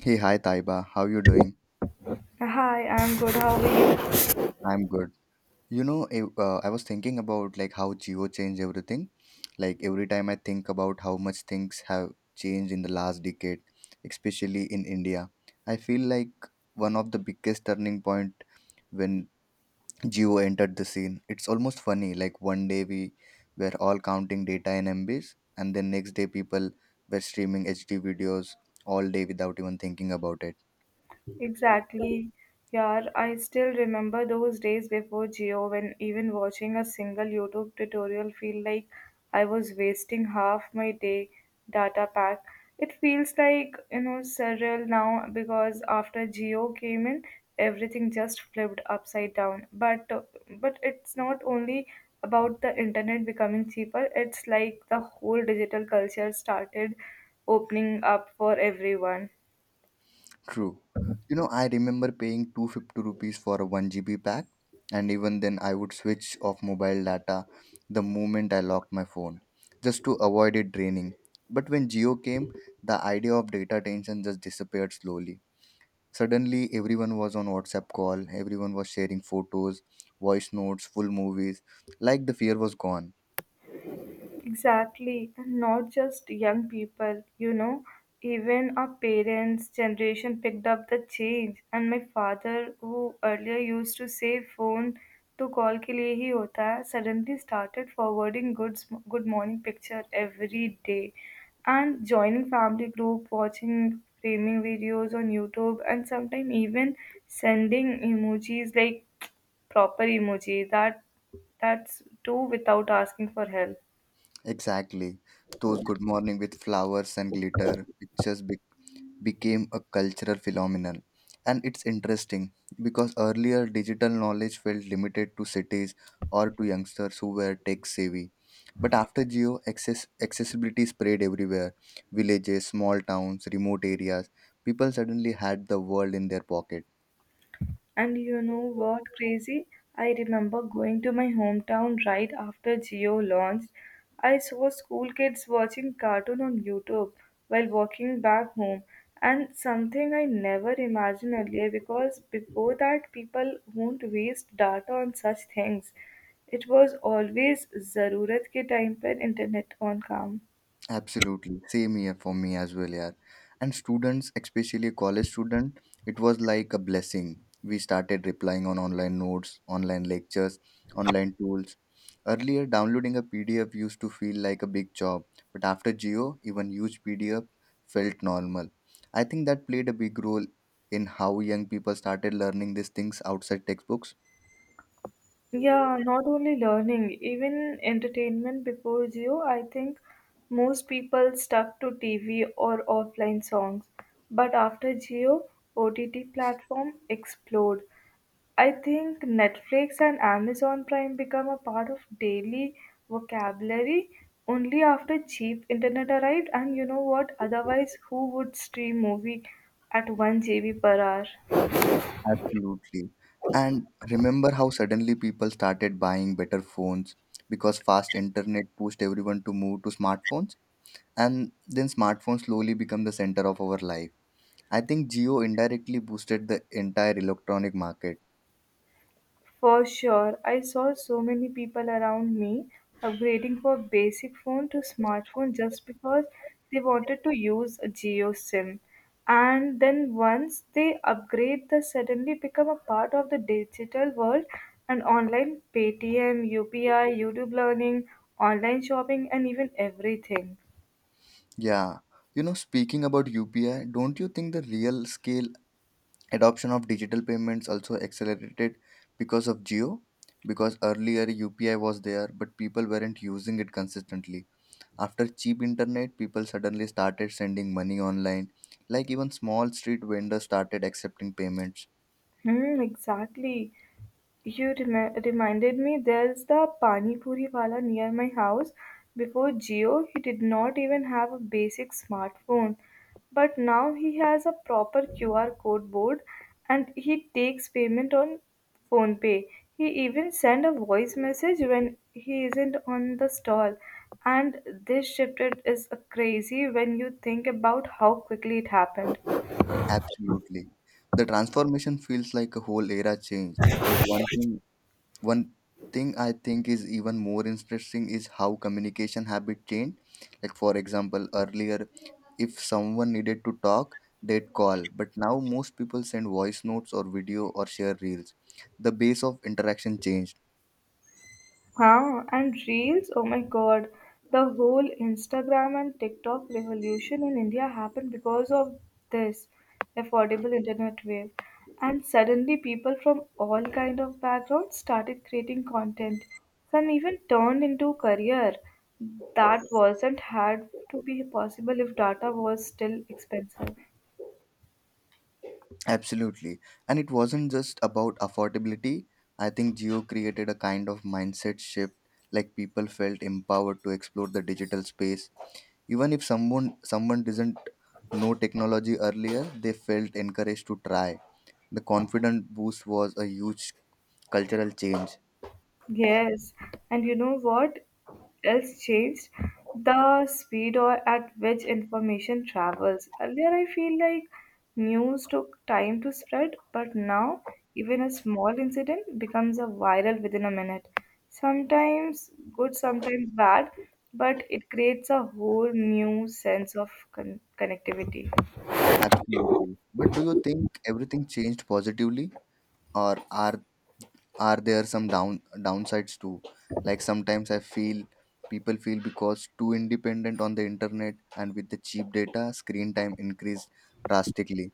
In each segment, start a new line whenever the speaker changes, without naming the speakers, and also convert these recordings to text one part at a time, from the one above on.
Hey, hi Taiba, how you doing?
Hi, I'm good. How are you?
I'm good. You know, I was thinking about like how Geo changed everything. Like every time I think about how much things have changed in the last decade, especially in India, I feel like one of the biggest turning point when Geo entered the scene. It's almost funny. Like one day we were all counting data in MBs, and then next day people were streaming HD videos all day without even thinking about it.
Exactly. Yeah, I still remember those days before Geo when even watching a single YouTube tutorial feel like I was wasting half my day data pack. It feels like, you know, surreal now because after Geo came in, everything just flipped upside down. But it's not only about the internet becoming cheaper, it's like the whole digital culture started opening up for everyone.
True. You know, I remember paying 250 rupees for a 1 GB pack, and even then, I would switch off mobile data the moment I locked my phone just to avoid it draining. But when Geo came, the idea of data tension just disappeared slowly. Suddenly, everyone was on WhatsApp call, everyone was sharing photos, voice notes, full movies, like the fear was gone.
Exactly, and not just young people, you know, even our parents' generation picked up the change. And my father, who earlier used to say phone to call के लिए ही होता है, suddenly started forwarding good morning picture every day, and joining family group, watching framing videos on YouTube, and sometimes even sending emojis like proper emoji that's too without asking for help.
Exactly. Those good morning with flowers and glitter pictures became a cultural phenomenon. And it's interesting because earlier digital knowledge felt limited to cities or to youngsters who were tech savvy. But after Geo, accessibility spread everywhere, villages, small towns, remote areas. People suddenly had the world in their pocket.
And you know what, crazy? I remember going to my hometown right after Geo launched. I saw school kids watching cartoon on YouTube while walking back home, and something I never imagined earlier because before that, people won't waste data on such things. It was always zarurat ke time पर internet on काम.
Absolutely, same here for me as well, yeah. And students, especially college student, it was like a blessing. We started replying on online notes, online lectures, online tools. Earlier, downloading a PDF used to feel like a big job, but after Geo, even huge PDF felt normal. I think that played a big role in how young people started learning these things outside textbooks.
Yeah, not only learning, even entertainment before Jio, I think most people stuck to TV or offline songs. But after Jio, OTT platform explode. I think Netflix and Amazon Prime become a part of daily vocabulary only after cheap internet arrived. And you know what? Otherwise, who would stream movie at 1 GB per hour?
Absolutely. And remember how suddenly people started buying better phones because fast internet pushed everyone to move to smartphones, and then smartphones slowly become the center of our life. I think Geo indirectly boosted the entire electronic market.
For sure, I saw so many people around me upgrading from basic phone to smartphone just because they wanted to use a Geo SIM. And then once they upgrade, they suddenly become a part of the digital world and online Paytm, UPI, YouTube learning, online shopping, and even everything.
Yeah. You know, speaking about UPI, don't you think the real scale adoption of digital payments also accelerated because of Geo? Because earlier UPI was there, but people weren't using it consistently. After cheap internet, people suddenly started sending money online. Like even small street vendors started accepting payments.
Hmm, exactly. Reminded me there's the Pani Puri wala near my house. Before Jio, he did not even have a basic smartphone. But now he has a proper QR code board and he takes payment on phone pay. He even send a voice message when he isn't on the stall. And this shifted is a crazy when you think about how quickly it happened.
Absolutely. The transformation feels like a whole era changed. But one thing I think is even more interesting is how communication habit changed. Like for example, earlier if someone needed to talk, they'd call. But now most people send voice notes or video or share reels. The base of interaction changed.
Huh? And reels? Oh my god. The whole Instagram and TikTok revolution in India happened because of this affordable internet wave. And suddenly people from all kind of backgrounds started creating content. Some even turned into career that wasn't had to be possible if data was still expensive.
Absolutely. And it wasn't just about affordability. I think Geo created a kind of mindset shift, like people felt empowered to explore the digital space. Even if someone doesn't know technology earlier, they felt encouraged to try. The confidence boost was a huge cultural change.
Yes, and you know what else changed? The speed or at which information travels. Earlier, I feel like news took time to spread, but now even a small incident becomes a viral within a minute. Sometimes good, sometimes bad, but it creates a whole new sense of connectivity.
Absolutely. But do you think everything changed positively, or are there some downsides too? Like sometimes I feel people feel because too independent on the internet, and with the cheap data, screen time increased drastically.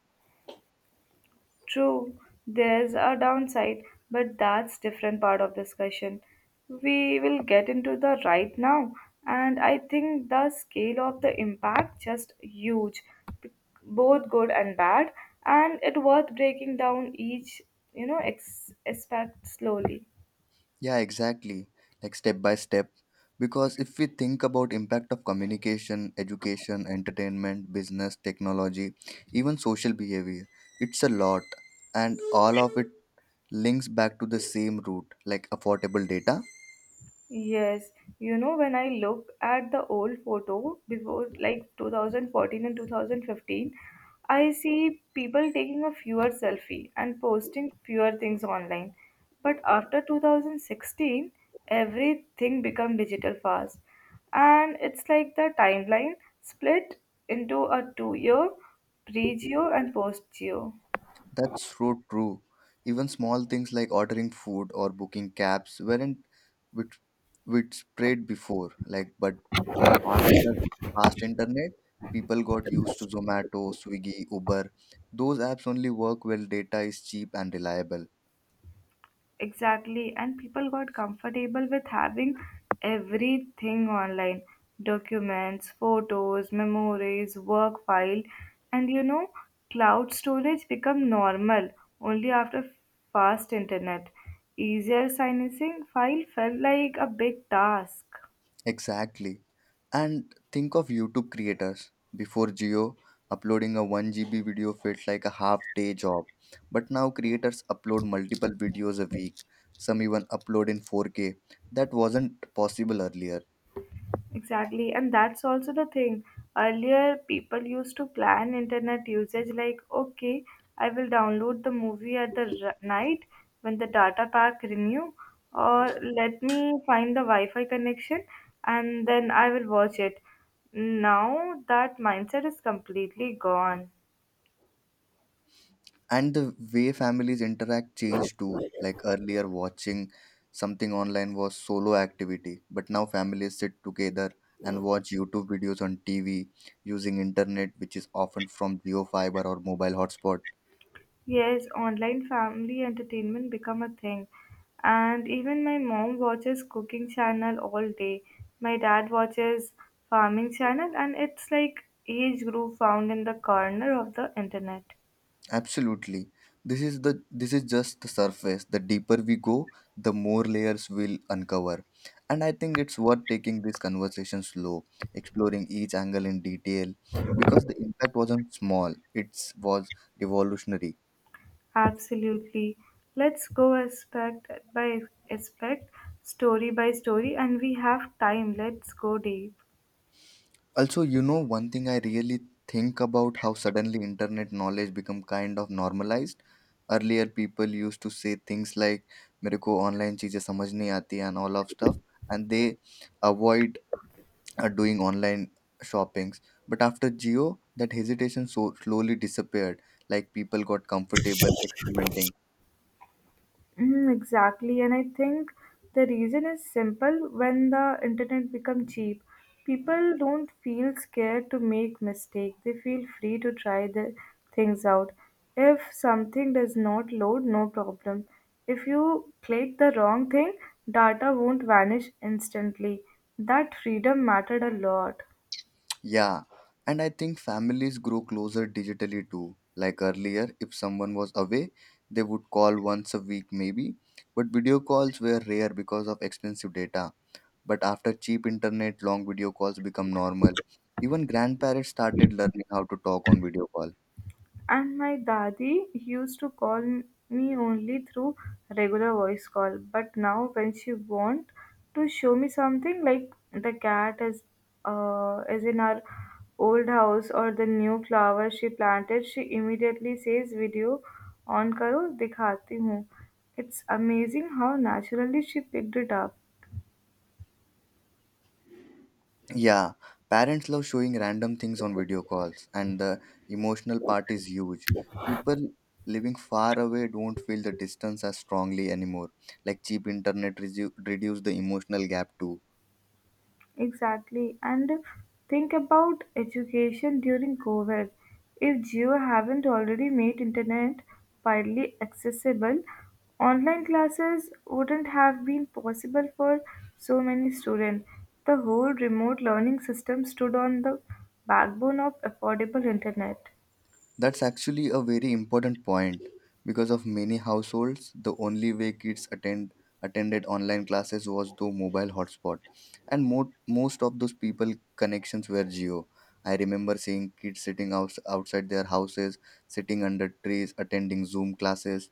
True, there's a downside, but that's different part of discussion. We will get into the right now, and I think the scale of the impact just huge, b- both good and bad, and it worth breaking down each you know ex- aspect slowly.
Yeah, exactly, like step by step, because if we think about impact of communication, education, entertainment, business, technology, even social behavior, it's a lot, and all of it links back to the same root, like affordable data.
Yes, you know, when I look at the old photo before like 2014 and 2015, I see people taking a fewer selfie and posting fewer things online. But after 2016, everything become digital fast. And it's like the timeline split into a two-year, pre-geo and post-geo.
That's so true. Even small things like ordering food or booking cabs weren't with widespread before. Like, but after fast internet, people got used to Zomato, Swiggy, Uber. Those apps only work when data is cheap and reliable.
Exactly, and people got comfortable with having everything online documents, photos, memories, work file, and you know, cloud storage become normal only after fast internet. Easier silencing file felt like a big task.
Exactly. And think of YouTube creators. Before Geo, uploading a 1 GB video felt like a half day job. But now creators upload multiple videos a week. Some even upload in 4K. That wasn't possible earlier.
Exactly, and that's also the thing. Earlier, people used to plan internet usage like, okay, I will download the movie at the night when the data pack renew, or let me find the Wi-Fi connection and then I will watch it. Now that mindset is completely gone.
And the way families interact changed too. Like earlier, watching something online was solo activity. But now families sit together and watch YouTube videos on TV using internet, which is often from Geo Fiber or mobile hotspot.
Yes, online family entertainment become a thing. And even my mom watches cooking channel all day. My dad watches farming channel and it's like each group found in the corner of the internet.
Absolutely. This is just the surface. The deeper we go, the more layers we'll uncover. And I think it's worth taking this conversation slow, exploring each angle in detail because the impact wasn't small. It was revolutionary.
Absolutely. Let's go aspect by aspect, story by story and we have time. Let's go deep.
Also, you know, one thing I really think about how suddenly internet knowledge become kind of normalized. Earlier people used to say things like मेरे को online चीज़ें समझ नहीं आती and all of stuff, and they avoid doing online shoppings, but after Geo that hesitation so slowly disappeared, like people got comfortable experimenting.
Mm, exactly, and I think the reason is simple. When the internet become cheap, people don't feel scared to make mistake. They feel free to try the things out. If something does not load, no problem. If you click the wrong thing, data won't vanish instantly. That freedom mattered a lot.
Yeah, and I think families grow closer digitally too, like earlier if someone was away, they would call once a week maybe, but video calls were rare because of expensive data. But after cheap internet, long video calls become normal. Even grandparents started learning how to talk on video call.
And my dadi used to call me only through regular voice call. But now, when she want to show me something like the cat is in our old house or the new flower she planted, she immediately says, "Video on karo, dikhati hu." It's amazing how naturally she picked it up.
Yeah, parents love showing random things on video calls, and the emotional part is huge. People living far away don't feel the distance as strongly anymore. Like cheap internet reduce the emotional gap too.
Exactly. And think about education during COVID. If Geo haven't already made internet widely accessible, online classes wouldn't have been possible for so many students. The whole remote learning system stood on the backbone of affordable internet.
That's actually a very important point, because of many households the only way kids attended online classes was through mobile hotspot, and most of those people connections were Geo. I remember seeing kids sitting outside their houses, sitting under trees, attending Zoom classes.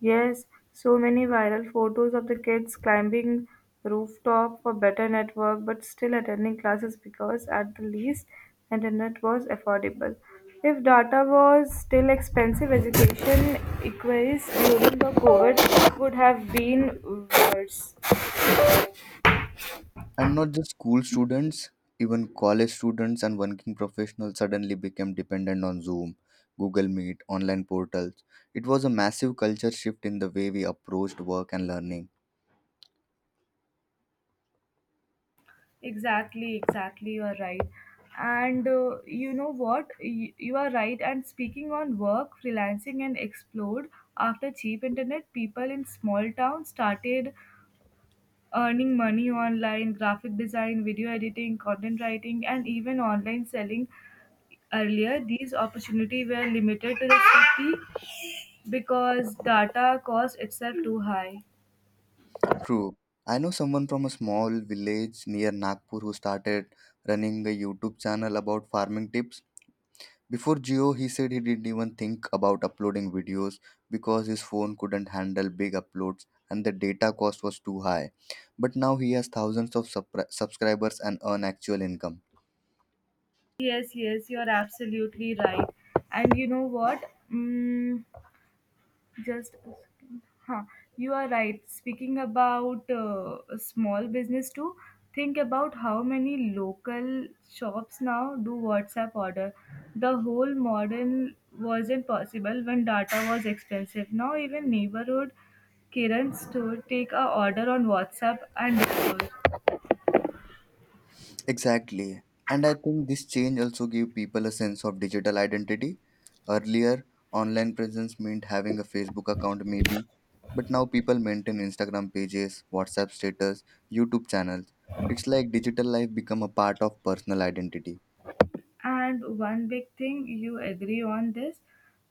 Yes, so many viral photos of the kids climbing rooftop for better network but still attending classes because at the least internet was affordable. If data was still expensive, education inquiries during the COVID would have been worse.
And not just school students, even college students and working professionals suddenly became dependent on Zoom, Google Meet, online portals. It was a massive culture shift in the way we approached work and learning.
Exactly, exactly, you are right. And You know what? You are right. And speaking on work, freelancing, and explode after cheap internet, people in small towns started earning money online, graphic design, video editing, content writing, and even online selling. Earlier, these opportunities were limited to the city because data cost itself too high.
True. I know someone from a small village near Nagpur who started running a YouTube channel about farming tips. Before Geo, he said he didn't even think about uploading videos because his phone couldn't handle big uploads and the data cost was too high. But now he has thousands of subscribers and earn actual income.
Yes, yes, you're absolutely right. And you know what? Mm, Just a second. Huh. You are right. Speaking about small business too, think about how many local shops now do WhatsApp order. The whole modern wasn't possible when data was expensive. Now even neighborhood Kiran store take a order on WhatsApp and deliver.
Exactly. And I think this change also gave people a sense of digital identity. Earlier, online presence meant having a Facebook account, maybe. But now people maintain Instagram pages, WhatsApp status, YouTube channels. It's like digital life become a part of personal identity.
And one big thing you agree on this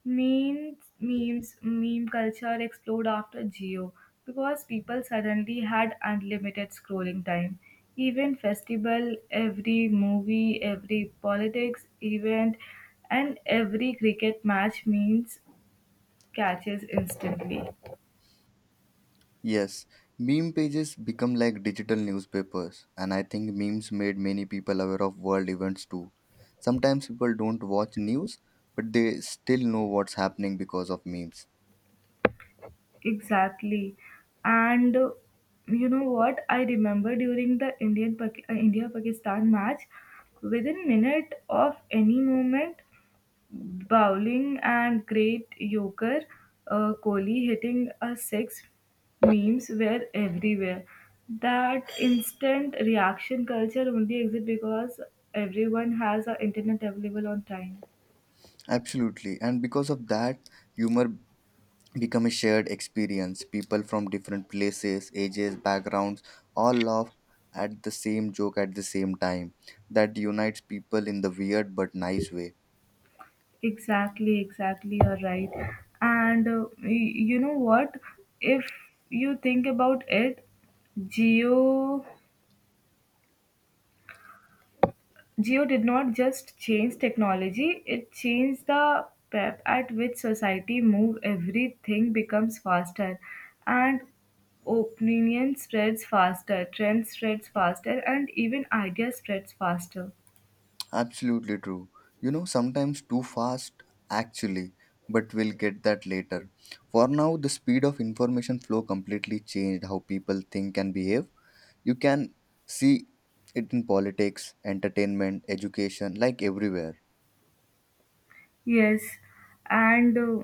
means meme culture exploded after Geo because people suddenly had unlimited scrolling time. Even festival, every movie, every politics event, and every cricket match means catches instantly.
Yes, meme pages become like digital newspapers, and I think memes made many people aware of world events too. Sometimes people don't watch news, but they still know what's happening because of memes.
Exactly. And You know what? I remember during the India Pakistan match, within minute of any moment, bowling and great yoker Kohli hitting a six memes were everywhere. That instant reaction culture only exists because everyone has a internet available on time.
Absolutely, and because of that, humor become a shared experience. People from different places, ages, backgrounds all laugh at the same joke at the same time. That unites people in the weird but nice way.
Exactly, exactly. You're right. You know what? If you think about it, Geo Geo did not just change technology, it changed the pep at which society move. Everything becomes faster, and opinion spreads faster, trend spreads faster, and even idea spreads faster.
Absolutely true. You know, sometimes too fast, actually, but we'll get that later. For now, the speed of information flow completely changed how people think and behave. You can see it in politics, entertainment, education, like everywhere.
Yes, and. Uh,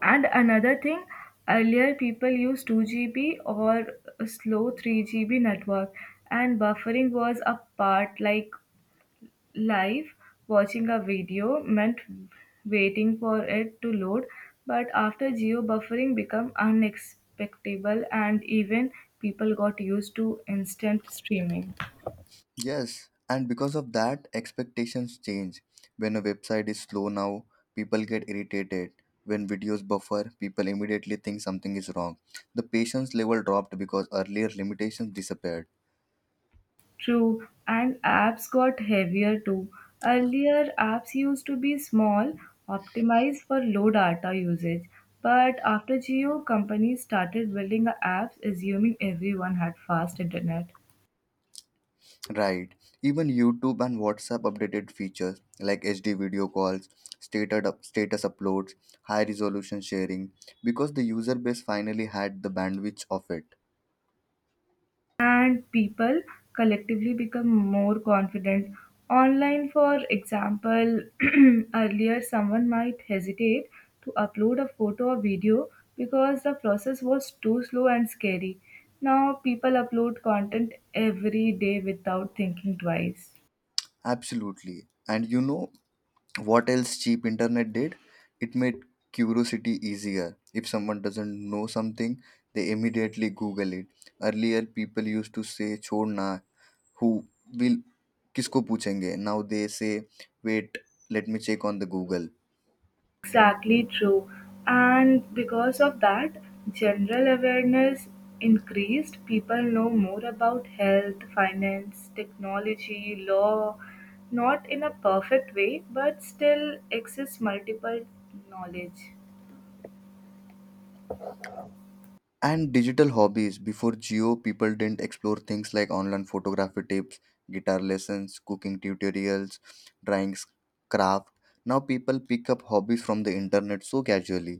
And another thing, earlier people used 2 GB or a slow 3 GB network, and buffering was a part like live watching a video meant waiting for it to load. But after geo buffering became unexpectable, and even people got used to instant streaming.
Yes, and because of that, expectations change. When a website is slow now, people get irritated. When videos buffer, people immediately think something is wrong. The patience level dropped because earlier limitations disappeared.
True, and apps got heavier too. Earlier, apps used to be small, optimized for low data usage. But after Geo, companies started building apps assuming everyone had fast internet.
Right. Even YouTube and WhatsApp updated features like HD video calls, status uploads, high resolution sharing, because the user base finally had the bandwidth of it.
And people collectively become more confident online, for example earlier someone might hesitate to upload a photo or video because the process was too slow and scary. Now people upload content every day without thinking twice.
Absolutely. And you know what else cheap internet did? It made curiosity easier. If someone doesn't know something, they immediately Google it. Earlier, people used to say, "Chhod na, who will, kisko puchenge?" Now they say, "Wait, let me check on the Google."
Exactly true. And because of that, general awareness increased. People know more about health, finance, technology, law, not in a perfect way, but still access multiple knowledge.
And digital hobbies, before Geo people didn't explore things like online photography tips, guitar lessons, cooking tutorials, drawing, craft. Now people pick up hobbies from the internet so casually.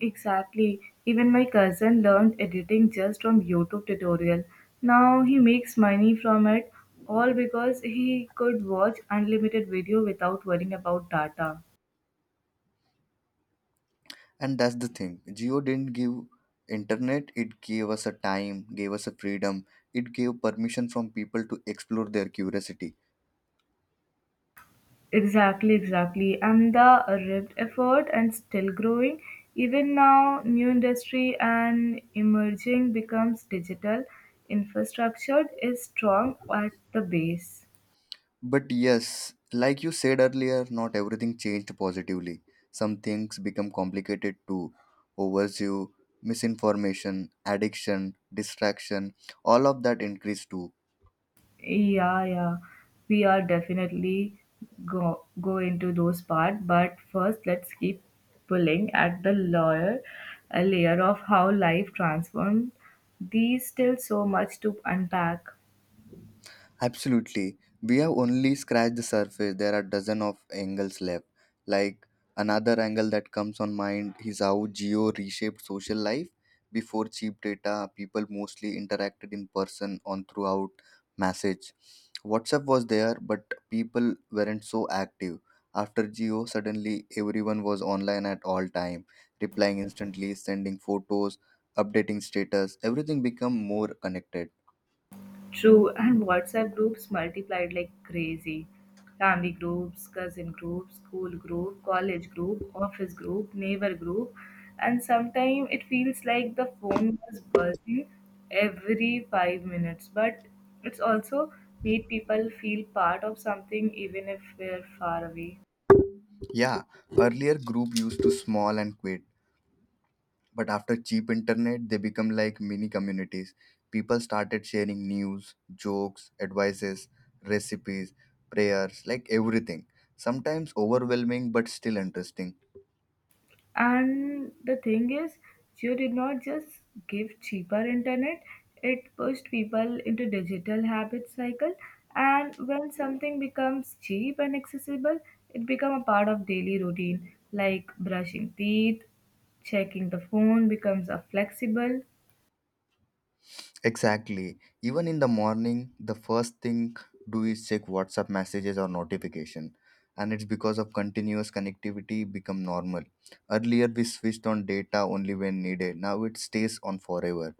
Exactly. Even my cousin learned editing just from YouTube tutorial. Now he makes money from it all because he could watch unlimited video without worrying about data.
And that's the thing, Geo didn't give internet, it gave us a time, gave us a freedom, it gave permission from people to explore their curiosity.
Exactly, exactly. And the ripped effort and still growing. Even now, new industry and emerging becomes digital. Infrastructure is strong at the base.
But yes, like you said earlier, not everything changed positively. Some things become complicated too. Overview, misinformation, addiction, distraction, all of that increased too.
Yeah, yeah. We are definitely go into those part, but first let's keep pulling at the layer of how life transformed. These still so much to unpack.
Absolutely. We have only scratched the surface. There are dozen of angles left. Like another angle that comes on mind is how Geo reshaped social life. Before cheap data, people mostly interacted in person on throughout message. WhatsApp was there, but people weren't so active. After Geo, suddenly everyone was online at all time, replying instantly, sending photos, updating status. Everything become more connected.
True, and WhatsApp groups multiplied like crazy. Family groups, cousin groups, school group, college group, office group, neighbor group, and sometimes it feels like the phone was buzzing every 5 minutes. But it's also made people feel part of something even if we're far away.
Yeah, earlier group used to small and quit, but after cheap internet they become like mini communities. People started sharing news, jokes, advices, recipes, prayers, like everything. Sometimes overwhelming but still interesting.
And the thing is, Jio did not just give cheaper internet, it pushed people into digital habit cycle. And when something becomes cheap and accessible, it becomes a part of daily routine, like brushing teeth, checking the phone becomes a flexible.
Exactly. Even in the morning, the first thing do is check WhatsApp messages or notification. And it's because of continuous connectivity become normal. Earlier we switched on data only when needed. Now it stays on forever.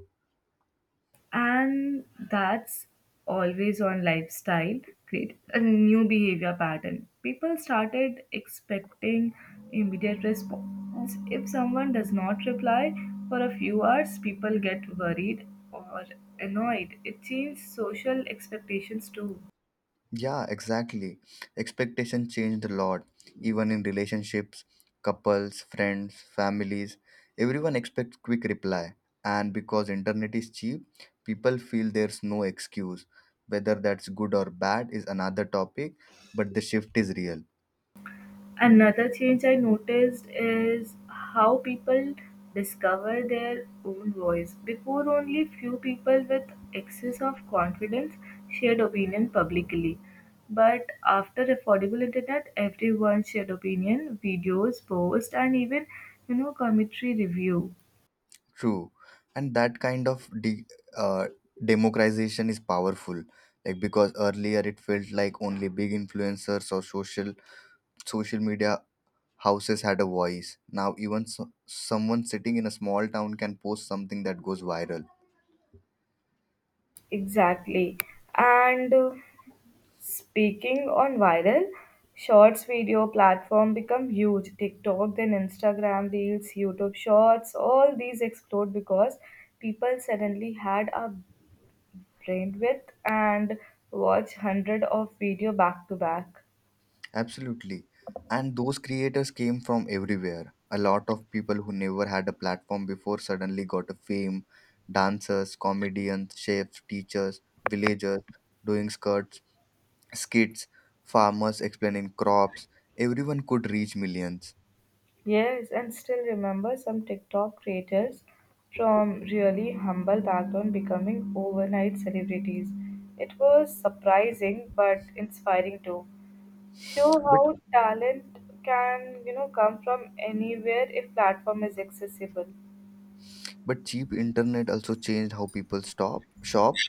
And that's always on lifestyle create a new behavior pattern. People started expecting immediate response. If someone does not reply for a few hours people get worried or annoyed. It changed social expectations too.
Yeah, exactly. Expectation changed a lot, even in relationships, couples, friends, families. Everyone expects quick reply, and because internet is cheap, people feel there's no excuse. Whether that's good or bad is another topic, but the shift is real.
Another change I noticed is how people discover their own voice. Before, only few people with excess of confidence shared opinion publicly. But after affordable internet, everyone shared opinion, videos, posts, and even you know commentary review.
True, and that kind of uh, democratization is powerful. Like because earlier it felt like only big influencers or social media Houses had a voice. Now, even someone sitting in a small town can post something that goes viral.
Exactly. And Speaking on viral, shorts video platform become huge. TikTok, then Instagram Reels, YouTube Shorts, all these explode because people suddenly had a bandwidth and watch hundred of video back to back.
Absolutely. And those creators came from everywhere. A lot of people who never had a platform before suddenly got a fame, dancers, comedians, chefs, teachers, villagers doing skits, farmers explaining crops. Everyone could reach millions.
Yes, and still remember some TikTok creators from really humble background becoming overnight celebrities. It was surprising but inspiring too. Show how talent can you know come from anywhere if platform is accessible.
But cheap internet also changed how people stop shop.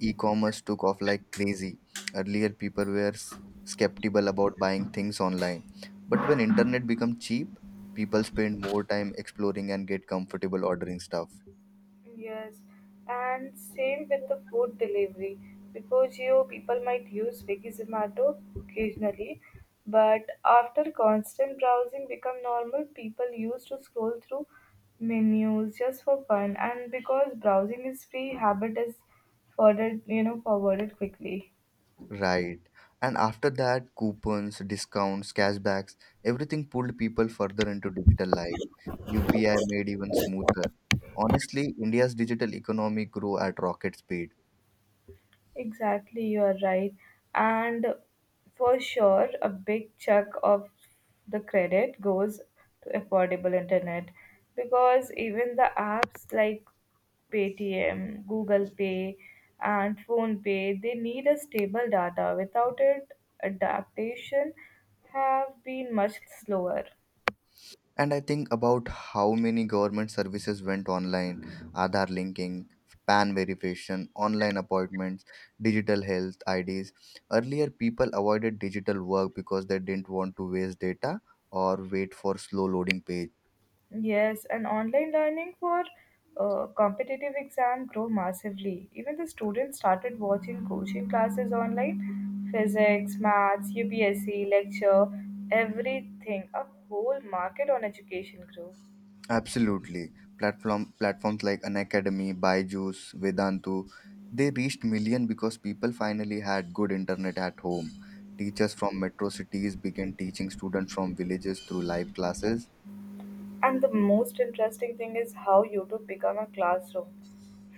E-commerce took off like crazy. Earlier people were skeptical about buying things online. But when internet became cheap, people spend more time exploring and get comfortable ordering stuff.
Yes, and same with the food delivery, because you people might use Swiggy Zomato occasionally, but after constant browsing become normal people used to scroll through menus just for fun, and because browsing is free habit is further you know forwarded quickly.
Right. And after that, coupons, discounts, cashbacks, everything pulled people further into digital life. UPI made even smoother. Honestly, India's digital economy grew at rocket speed.
Exactly, you are right. And for sure, a big chunk of the credit goes to affordable internet because even the apps like Paytm, Google Pay, and Phone Pay, they need a stable data. Without it, adaptation have been much slower.
And I think about how many government services went online, Aadhaar linking, PAN verification, online appointments, digital health IDs. Earlier, people avoided digital work because they didn't want to waste data or wait for slow loading page.
Yes, and online learning for competitive exam grow massively. Even the students started watching coaching classes online, physics, maths, UPSC lecture, everything. A whole market on education grew.
Absolutely. Platforms like Unacademy, Byju's, Vedantu, they reached million because people finally had good internet at home. Teachers from metro cities began teaching students from villages through live classes.
And the most interesting thing is how YouTube become a classroom.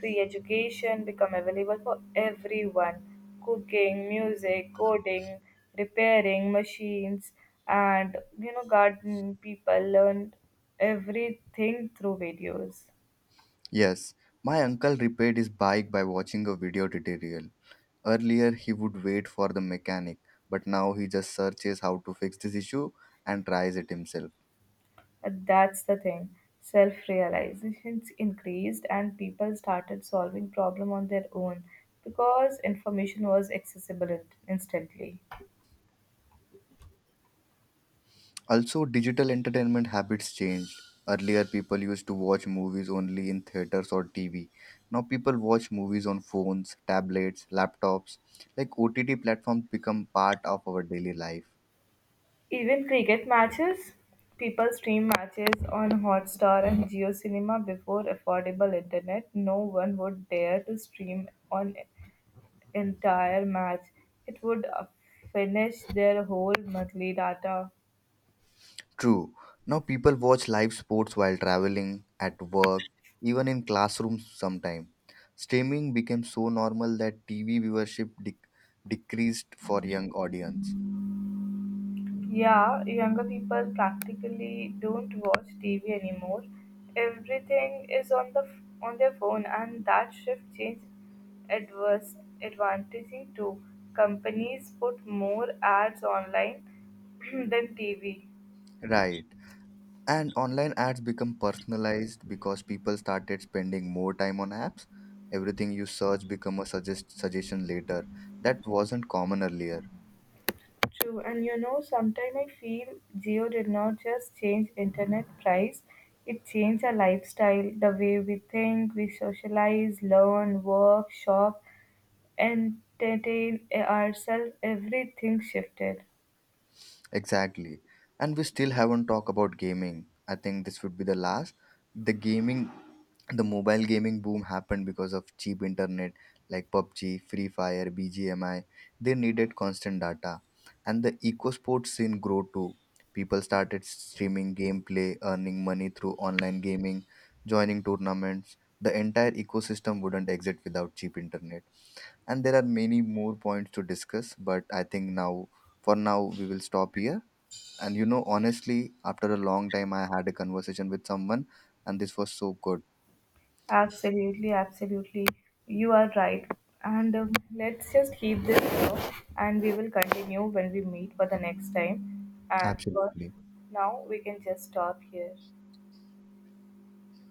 Free education become available for everyone. Cooking, music, coding, repairing machines, and you know, garden people learned everything through videos.
Yes, my uncle repaired his bike by watching a video tutorial. Earlier, he would wait for the mechanic, but now he just searches how to fix this issue and tries it himself.
And that's the thing. Self-realizations increased and people started solving problem on their own because information was accessible instantly.
Also, digital entertainment habits changed. Earlier, people used to watch movies only in theaters or TV. Now, people watch movies on phones, tablets, laptops. Like OTT platforms become part of our daily life.
Even cricket matches? People stream matches on Hotstar and Geo Cinema before affordable internet. No one would dare to stream an entire match. It would finish their whole monthly data.
True. Now people watch live sports while traveling, at work, even in classrooms sometimes. Streaming became so normal that TV viewership decreased for young audience.
Yeah, younger people practically don't watch TV anymore. Everything is on on their phone, and that shift changed adverse advantaging too. Companies put more ads online than TV.
Right. And online ads become personalized because people started spending more time on apps. Everything you search become a suggestion later. That wasn't common earlier.
True, and you know, sometimes I feel Geo did not just change internet price, it changed our lifestyle, the way we think, we socialize, learn, work, shop, entertain ourselves. Everything shifted.
Exactly. And we still haven't talked about gaming. I think this would be the last. The gaming the mobile gaming boom happened because of cheap internet, like PUBG, Free Fire, BGMI. They needed constant data. And the eco sports scene grew too. People started streaming gameplay, earning money through online gaming, joining tournaments. The entire ecosystem wouldn't exist without cheap internet. And there are many more points to discuss, but I think now for now we will stop here. And you know, honestly, after a long time I had a conversation with someone and this was so good.
Absolutely, absolutely. You are right. And Let's just keep this here and we will continue when we meet for the next time. And for
Absolutely.
now, we can just stop here.